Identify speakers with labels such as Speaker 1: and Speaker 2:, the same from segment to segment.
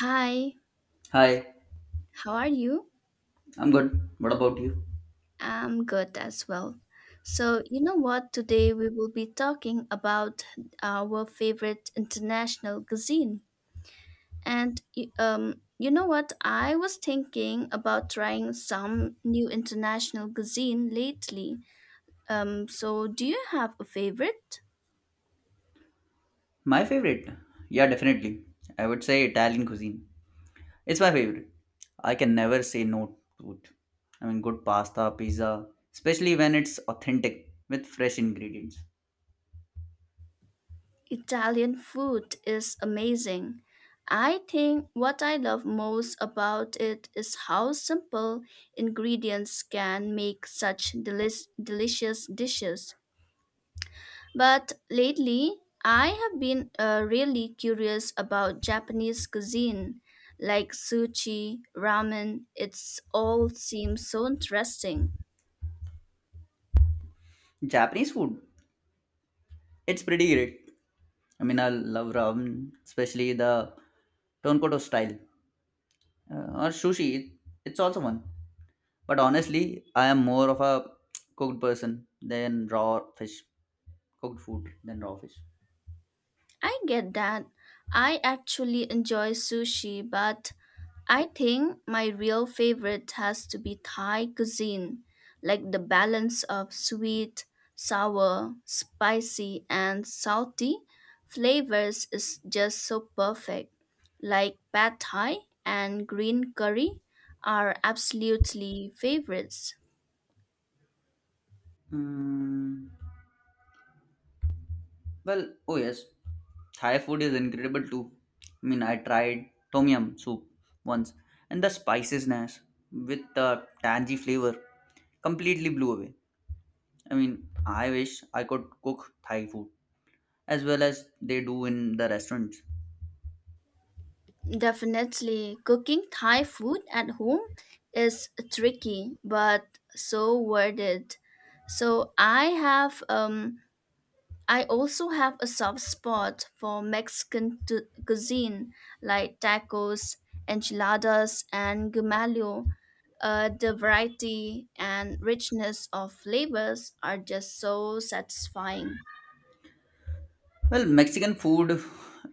Speaker 1: Hi,
Speaker 2: Hi,
Speaker 1: how are you?
Speaker 2: I'm good. What about you?
Speaker 1: I'm good as well. So, you know what? Today we will be talking about our favorite international cuisine. And y- you know what? I was thinking about trying some new international cuisine lately. So do you have a favorite?
Speaker 2: My favorite? Yeah, definitely. I would say Italian cuisine. It's my favorite. I can never say no to it. Good pasta, pizza, especially when it's authentic with fresh ingredients.
Speaker 1: Italian food is amazing. I think what I love most about it is how simple ingredients can make such delicious dishes. But lately, I have been really curious about Japanese cuisine, like sushi, ramen. It's all seems so interesting.
Speaker 2: Japanese food, it's pretty great. I love ramen, especially the Tonkoto style. Or sushi, it's also one. But honestly, I am more of a cooked person than raw fish, cooked food than raw fish.
Speaker 1: I get that. I actually enjoy sushi, but I think my real favorite has to be Thai cuisine, like the balance of sweet, sour, spicy, and salty flavors is just so perfect. Like pad thai and green curry are absolutely favorites.
Speaker 2: Mm, well, oh yes, Thai food is incredible too. I tried tom yum soup once, and the spiciness with the tangy flavor completely blew away. I wish I could cook Thai food as well as they do in the restaurants.
Speaker 1: Definitely, cooking Thai food at home is tricky, but so worth it. So I have um I also have a soft spot for cuisine like tacos, enchiladas, and gumalio. The variety and richness of flavors are just so satisfying.
Speaker 2: Well, Mexican food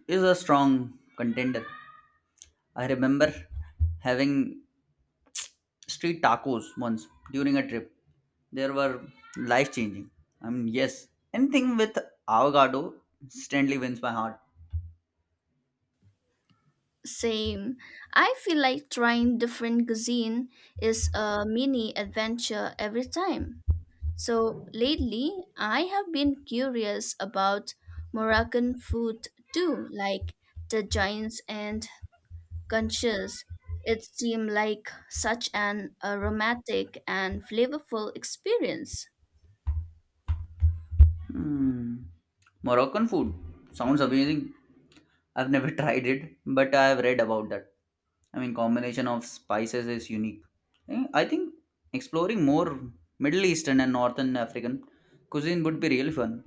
Speaker 2: is a strong contender. I remember having street tacos once during a trip. They were life changing. Yes, anything with avocado instantly wins my heart.
Speaker 1: Same. I feel like trying different cuisine is a mini adventure every time. So lately, I have been curious about Moroccan food too, like the giants and conscious, it seemed like such an aromatic and flavorful experience.
Speaker 2: Hmm. Moroccan food sounds amazing. I've never tried it, but I've read about that. Combination of spices is unique. I think exploring more Middle Eastern and Northern African cuisine would be really fun.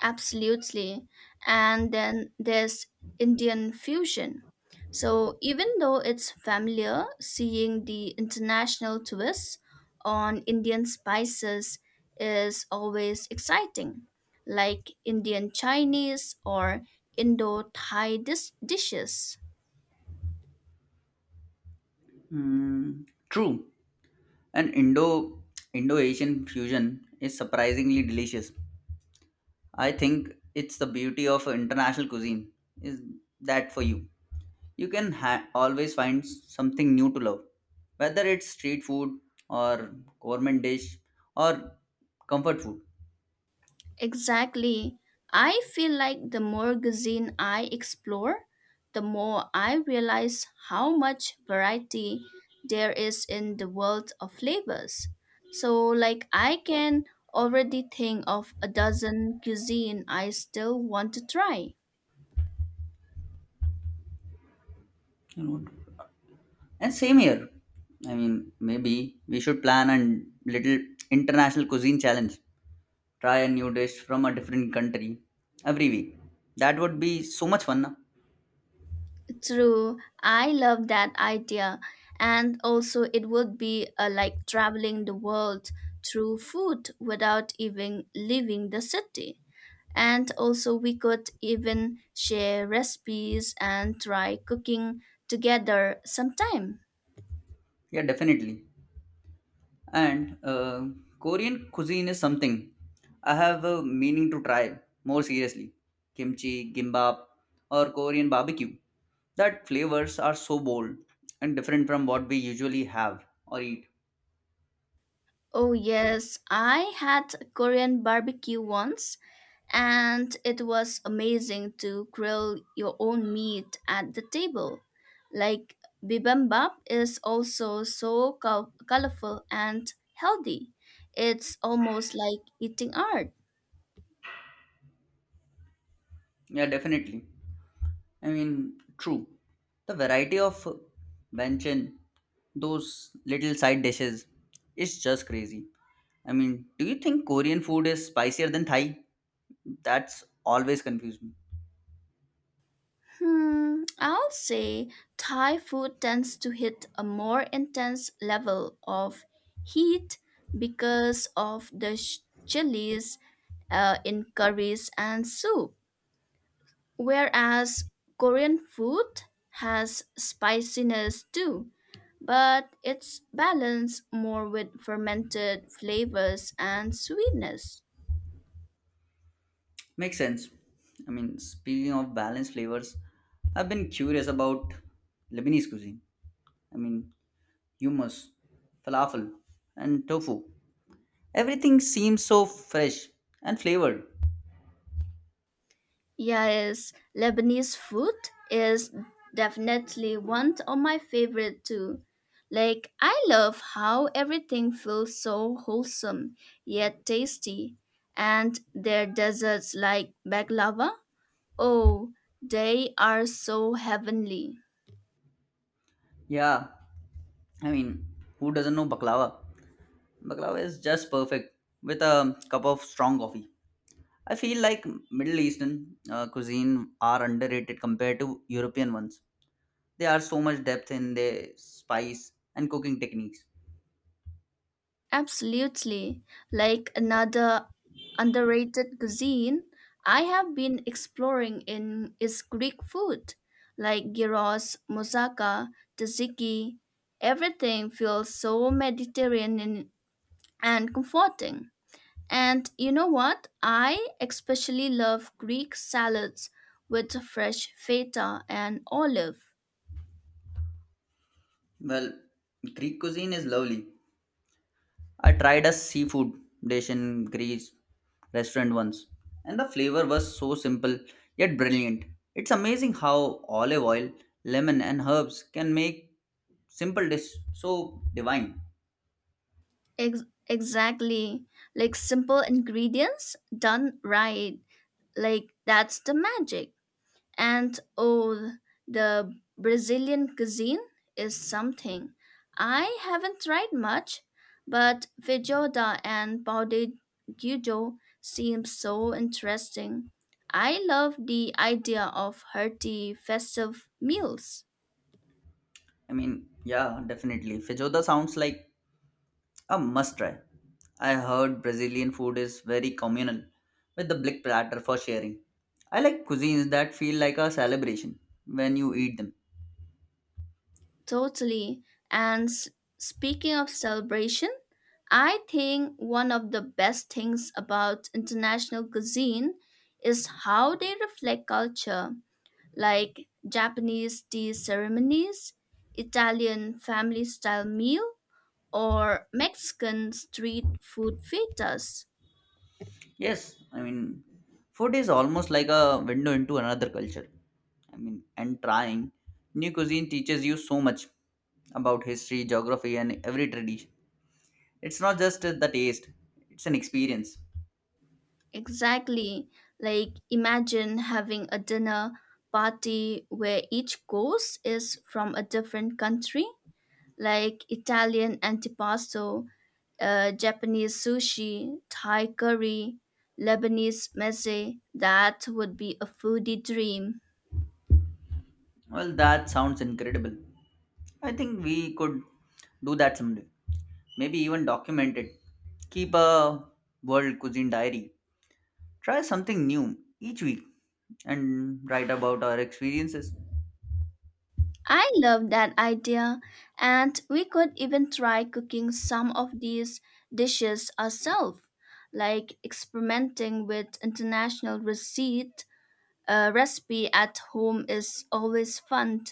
Speaker 1: Absolutely. And then there's Indian fusion. So even though it's familiar, seeing the international twists on Indian spices is always exciting, like Indian Chinese or Indo Thai dishes.
Speaker 2: Mm, true. An Indo Asian fusion is surprisingly delicious. I think it's the beauty of international cuisine is that for you. You can always find something new to love, whether it's street food or gourmet dish or comfort food.
Speaker 1: Exactly. I feel like the more cuisine I explore, the more I realize how much variety there is in the world of flavors. So, like, I can already think of a dozen cuisine I still want to try.
Speaker 2: You know. And same here. Maybe we should plan a little international cuisine challenge. Try a new dish from a different country every week. That would be so much fun. Na?
Speaker 1: True, I love that idea. And also, it would be like traveling the world through food without even leaving the city. And also, we could even share recipes and try cooking together sometime.
Speaker 2: Yeah, definitely. And Korean cuisine is something I have a meaning to try more seriously. Kimchi, gimbap, or Korean barbecue. That flavors are so bold and different from what we usually have or eat.
Speaker 1: Oh, yes, I had Korean barbecue once, and it was amazing to grill your own meat at the table. Like, bibimbap is also so colorful and healthy. It's almost like eating art.
Speaker 2: Yeah, definitely. True. The variety of banchan, those little side dishes, is just crazy. I mean, do you think Korean food is spicier than Thai? That's always confused me.
Speaker 1: Hmm, I'll say Thai food tends to hit a more intense level of heat because of the chilies in curries and soup, whereas Korean food has spiciness too, but it's balanced more with fermented flavors and sweetness.
Speaker 2: Makes sense. I mean, speaking of balanced flavors, I've been curious about Lebanese cuisine. I mean, hummus, falafel, and tofu. Everything seems so fresh and flavored.
Speaker 1: Yes, Lebanese food is definitely one of my favorite too. Like I love how everything feels so wholesome yet tasty. And their desserts like baklava, oh, they are so heavenly.
Speaker 2: Yeah, I mean, who doesn't know baklava? Baklava is just perfect with a cup of strong coffee. I feel like Middle Eastern cuisine are underrated compared to European ones. They are so much depth in their spice and cooking techniques.
Speaker 1: Absolutely. Like another underrated cuisine I have been exploring in is Greek food, like gyros, moussaka, tzatziki. Everything feels so Mediterranean and comforting. And you know what? I especially love Greek salads with fresh feta and olive.
Speaker 2: Well, Greek cuisine is lovely. I tried a seafood dish in Greece restaurant once, and the flavor was so simple yet brilliant. It's amazing how olive oil, lemon, and herbs can make simple dish so divine.
Speaker 1: Ex- exactly. Like simple ingredients done right. Like that's the magic. And oh, the Brazilian cuisine is something. I haven't tried much, but feijoada and pão de queijo seem so interesting. I love the idea of hearty festive meals.
Speaker 2: Yeah, definitely. Feijoada sounds like a must try. I heard Brazilian food is very communal, with the big platter for sharing. I like cuisines that feel like a celebration when you eat them.
Speaker 1: Totally. And speaking of celebration, I think one of the best things about international cuisine is how they reflect culture, like Japanese tea ceremonies, Italian family style meal, or Mexican street food fiestas.
Speaker 2: Yes, I mean, food is almost like a window into another culture. I mean, and trying new cuisine teaches you so much about history, geography, and every tradition. It's not just the taste, it's an experience.
Speaker 1: Exactly. Like imagine having a dinner party where each course is from a different country, like Italian antipasto, Japanese sushi, Thai curry, Lebanese meze. That would be a foodie dream.
Speaker 2: Well, that sounds incredible. I think we could do that someday. Maybe even document it. Keep a world cuisine diary. Try something new each week and write about our experiences.
Speaker 1: I love that idea, and we could even try cooking some of these dishes ourselves, like experimenting with international receipt. A recipe at home is always fun,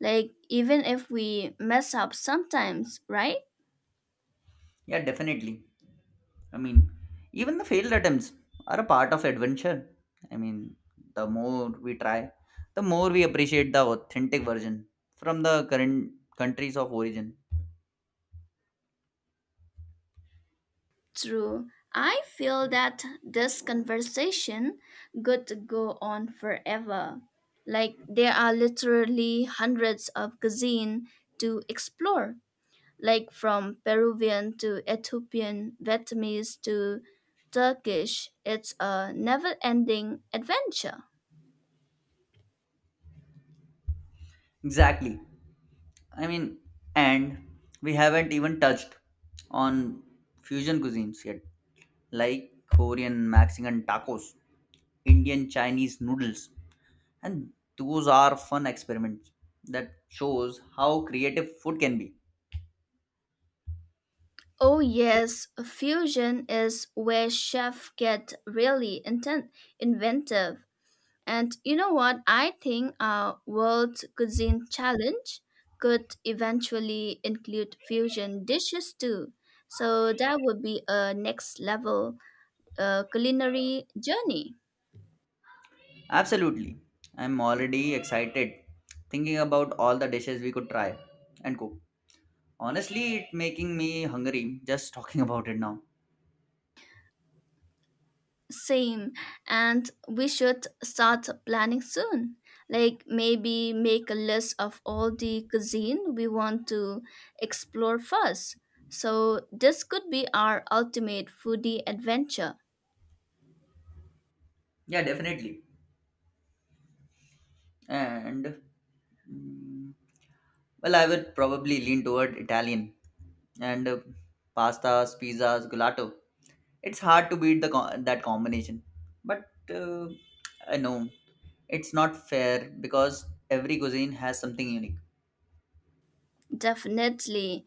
Speaker 1: like even if we mess up sometimes, right?
Speaker 2: Yeah, definitely. I mean, even the failed attempts are a part of adventure. I mean, the more we try, the more we appreciate the authentic version from the current countries of origin.
Speaker 1: True. I feel that this conversation could go on forever. Like there are literally hundreds of cuisine to explore, like from Peruvian to Ethiopian, Vietnamese to Turkish. It's a never-ending adventure.
Speaker 2: Exactly. I mean, and we haven't even touched on fusion cuisines yet, like Korean, Mexican tacos, Indian, Chinese noodles, and those are fun experiments that shows how creative food can be.
Speaker 1: Oh yes, fusion is where chefs get really inventive. And you know what? I think our World Cuisine Challenge could eventually include fusion dishes too. So that would be a next level culinary journey.
Speaker 2: Absolutely, I'm already excited thinking about all the dishes we could try and cook. Honestly, it making me hungry just talking about it now.
Speaker 1: Same. And we should start planning soon. Like maybe make a list of all the cuisine we want to explore first. So this could be our ultimate foodie adventure.
Speaker 2: Yeah, definitely. And mm, well, I would probably lean toward Italian and pastas, pizzas, gelato. It's hard to beat the that combination. But I know it's not fair because every cuisine has something unique.
Speaker 1: Definitely.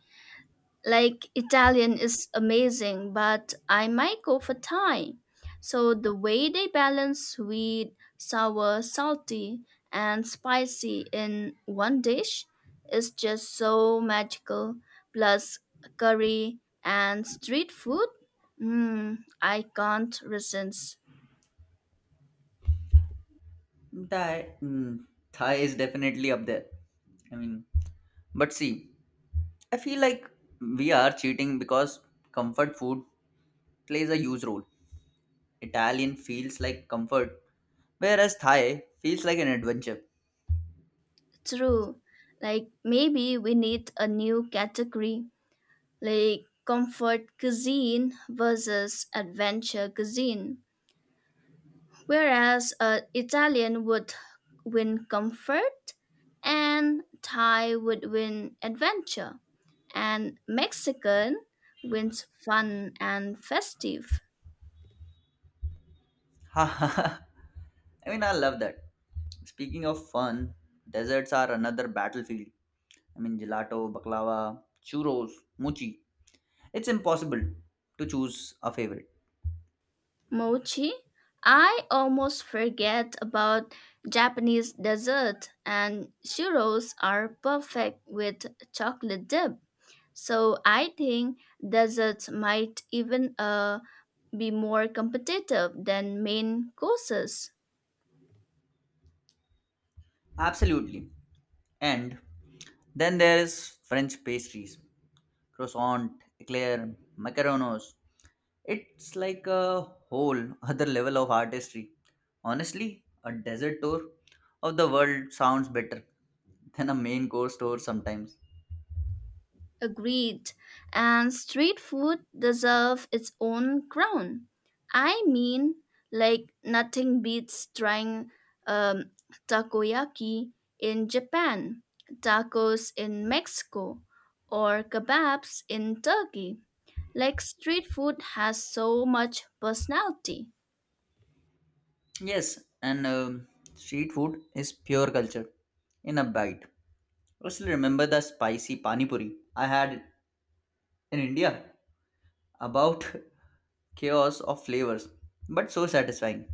Speaker 1: Like Italian is amazing, but I might go for Thai. So the way they balance sweet, sour, salty, and spicy in one dish is just so magical. Plus curry and street food. Mm, I can't resist.
Speaker 2: Thai, mm, Thai is definitely up there. I mean, but see, I feel like we are cheating because comfort food plays a huge role. Italian feels like comfort, whereas Thai feels like an adventure.
Speaker 1: True. Like maybe we need a new category, like comfort cuisine versus adventure cuisine. Whereas Italian would win comfort, and Thai would win adventure, and Mexican wins fun and festive.
Speaker 2: Ha ha ha. I love that. Speaking of fun, desserts are another battlefield. I mean, gelato, baklava, churros, mochi. It's impossible to choose a favorite.
Speaker 1: Mochi, I almost forget about Japanese dessert, and churros are perfect with chocolate dip. So I think desserts might even be more competitive than main courses.
Speaker 2: Absolutely. And then there is French pastries, croissant, eclair, macaronos. It's like a whole other level of artistry. Honestly, a desert tour of the world sounds better than a main course tour sometimes.
Speaker 1: Agreed. And street food deserve its own crown. I mean, like nothing beats trying um, takoyaki in Japan, tacos in Mexico, or kebabs in Turkey. Like street food has so much personality.
Speaker 2: Yes, and street food is pure culture in a bite. I still remember the spicy pani puri I had in India. About chaos of flavors, but so satisfying.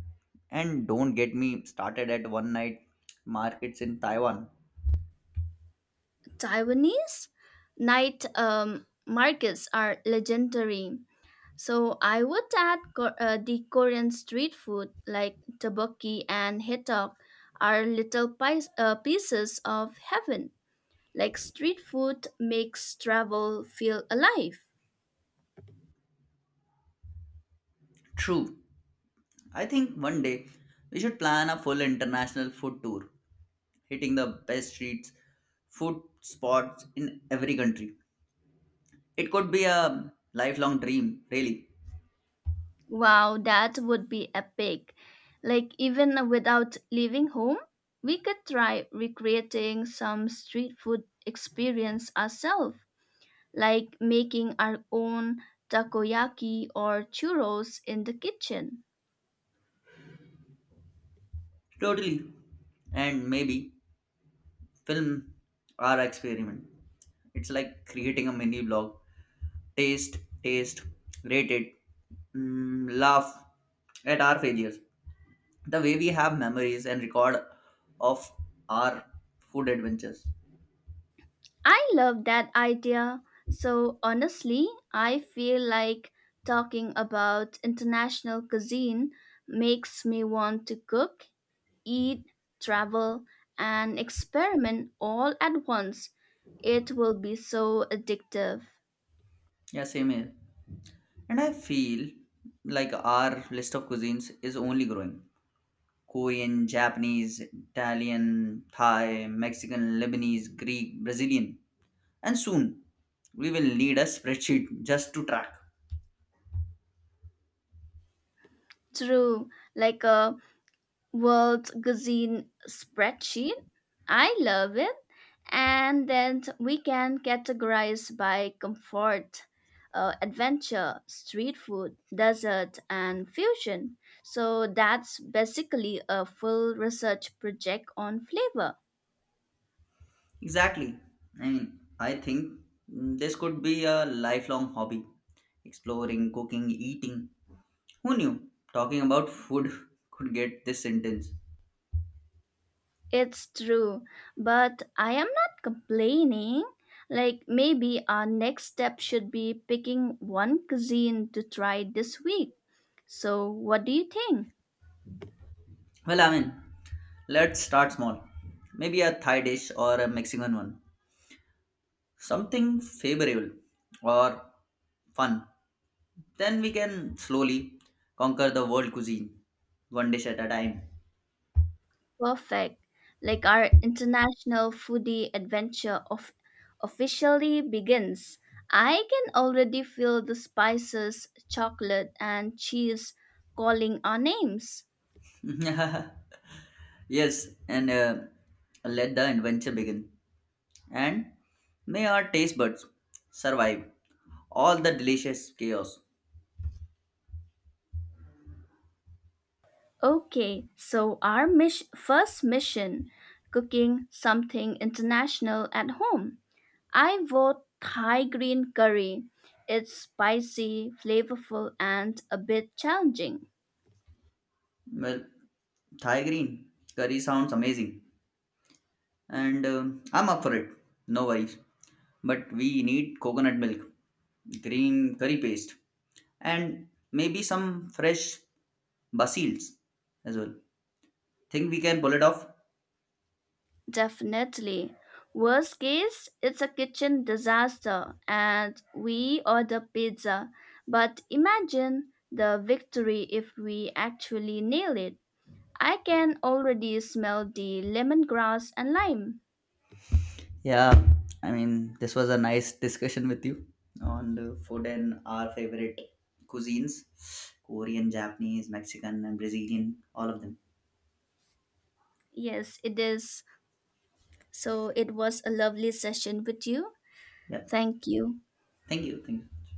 Speaker 2: And don't get me started at one night markets in Taiwan.
Speaker 1: Taiwanese night markets are legendary. So I would add the Korean street food like tteokbokki and hotdog are little pies, pieces of heaven. Like street food makes travel feel alive.
Speaker 2: True, I think one day we should plan a full international food tour, hitting the best streets, food spots in every country. It could be a lifelong dream, really.
Speaker 1: Wow, that would be epic. Like even without leaving home, we could try recreating some street food experience ourselves, like making our own takoyaki or churros in the kitchen.
Speaker 2: Totally. And maybe film our experiment. It's like creating a mini blog. Taste, rate it, mm, laugh at our failures. The way we have memories and record of our food adventures.
Speaker 1: I love that idea. So honestly, I feel like talking about international cuisine makes me want to cook, eat, travel, and experiment all at once. It will be so addictive.
Speaker 2: Yeah, same here. And I feel like our list of cuisines is only growing. Korean, Japanese, Italian, Thai, Mexican, Lebanese, Greek, Brazilian. And soon we will need a spreadsheet just to track.
Speaker 1: True, like a world cuisine spreadsheet. I love it. And then we can categorize by comfort, adventure, street food, desert, and fusion. So that's basically a full research project on flavor.
Speaker 2: Exactly. I think mm, this could be a lifelong hobby exploring, cooking, eating. Who knew talking about food could get this intense?
Speaker 1: It's true, but I am not complaining. Like, maybe our next step should be picking one cuisine to try this week. So, what do you think?
Speaker 2: Well, let's start small. Maybe a Thai dish or a Mexican one. Something favorable or fun. Then we can slowly conquer the world cuisine one dish at a time.
Speaker 1: Perfect. Like our international foodie adventure of officially begins. I can already feel the spices, chocolate, and cheese calling our names.
Speaker 2: Yes, and let the adventure begin. And may our taste buds survive all the delicious chaos.
Speaker 1: Okay, so our first mission cooking something international at home. I vote Thai green curry. It's spicy, flavorful, and a bit challenging.
Speaker 2: Well, Thai green curry sounds amazing, and I'm up for it. No worries. But we need coconut milk, green curry paste, and maybe some fresh basils as well. Think we can pull it off?
Speaker 1: Definitely. Worst case, it's a kitchen disaster and we order pizza. But imagine the victory if we actually nail it. I can already smell the lemongrass and lime.
Speaker 2: Yeah, this was a nice discussion with you on the food and our favorite cuisines Korean, Japanese, Mexican, and Brazilian, all of them.
Speaker 1: Yes, it is. So it was a lovely session with you.
Speaker 2: Yeah,
Speaker 1: Thank you.
Speaker 2: thank you. Thank you.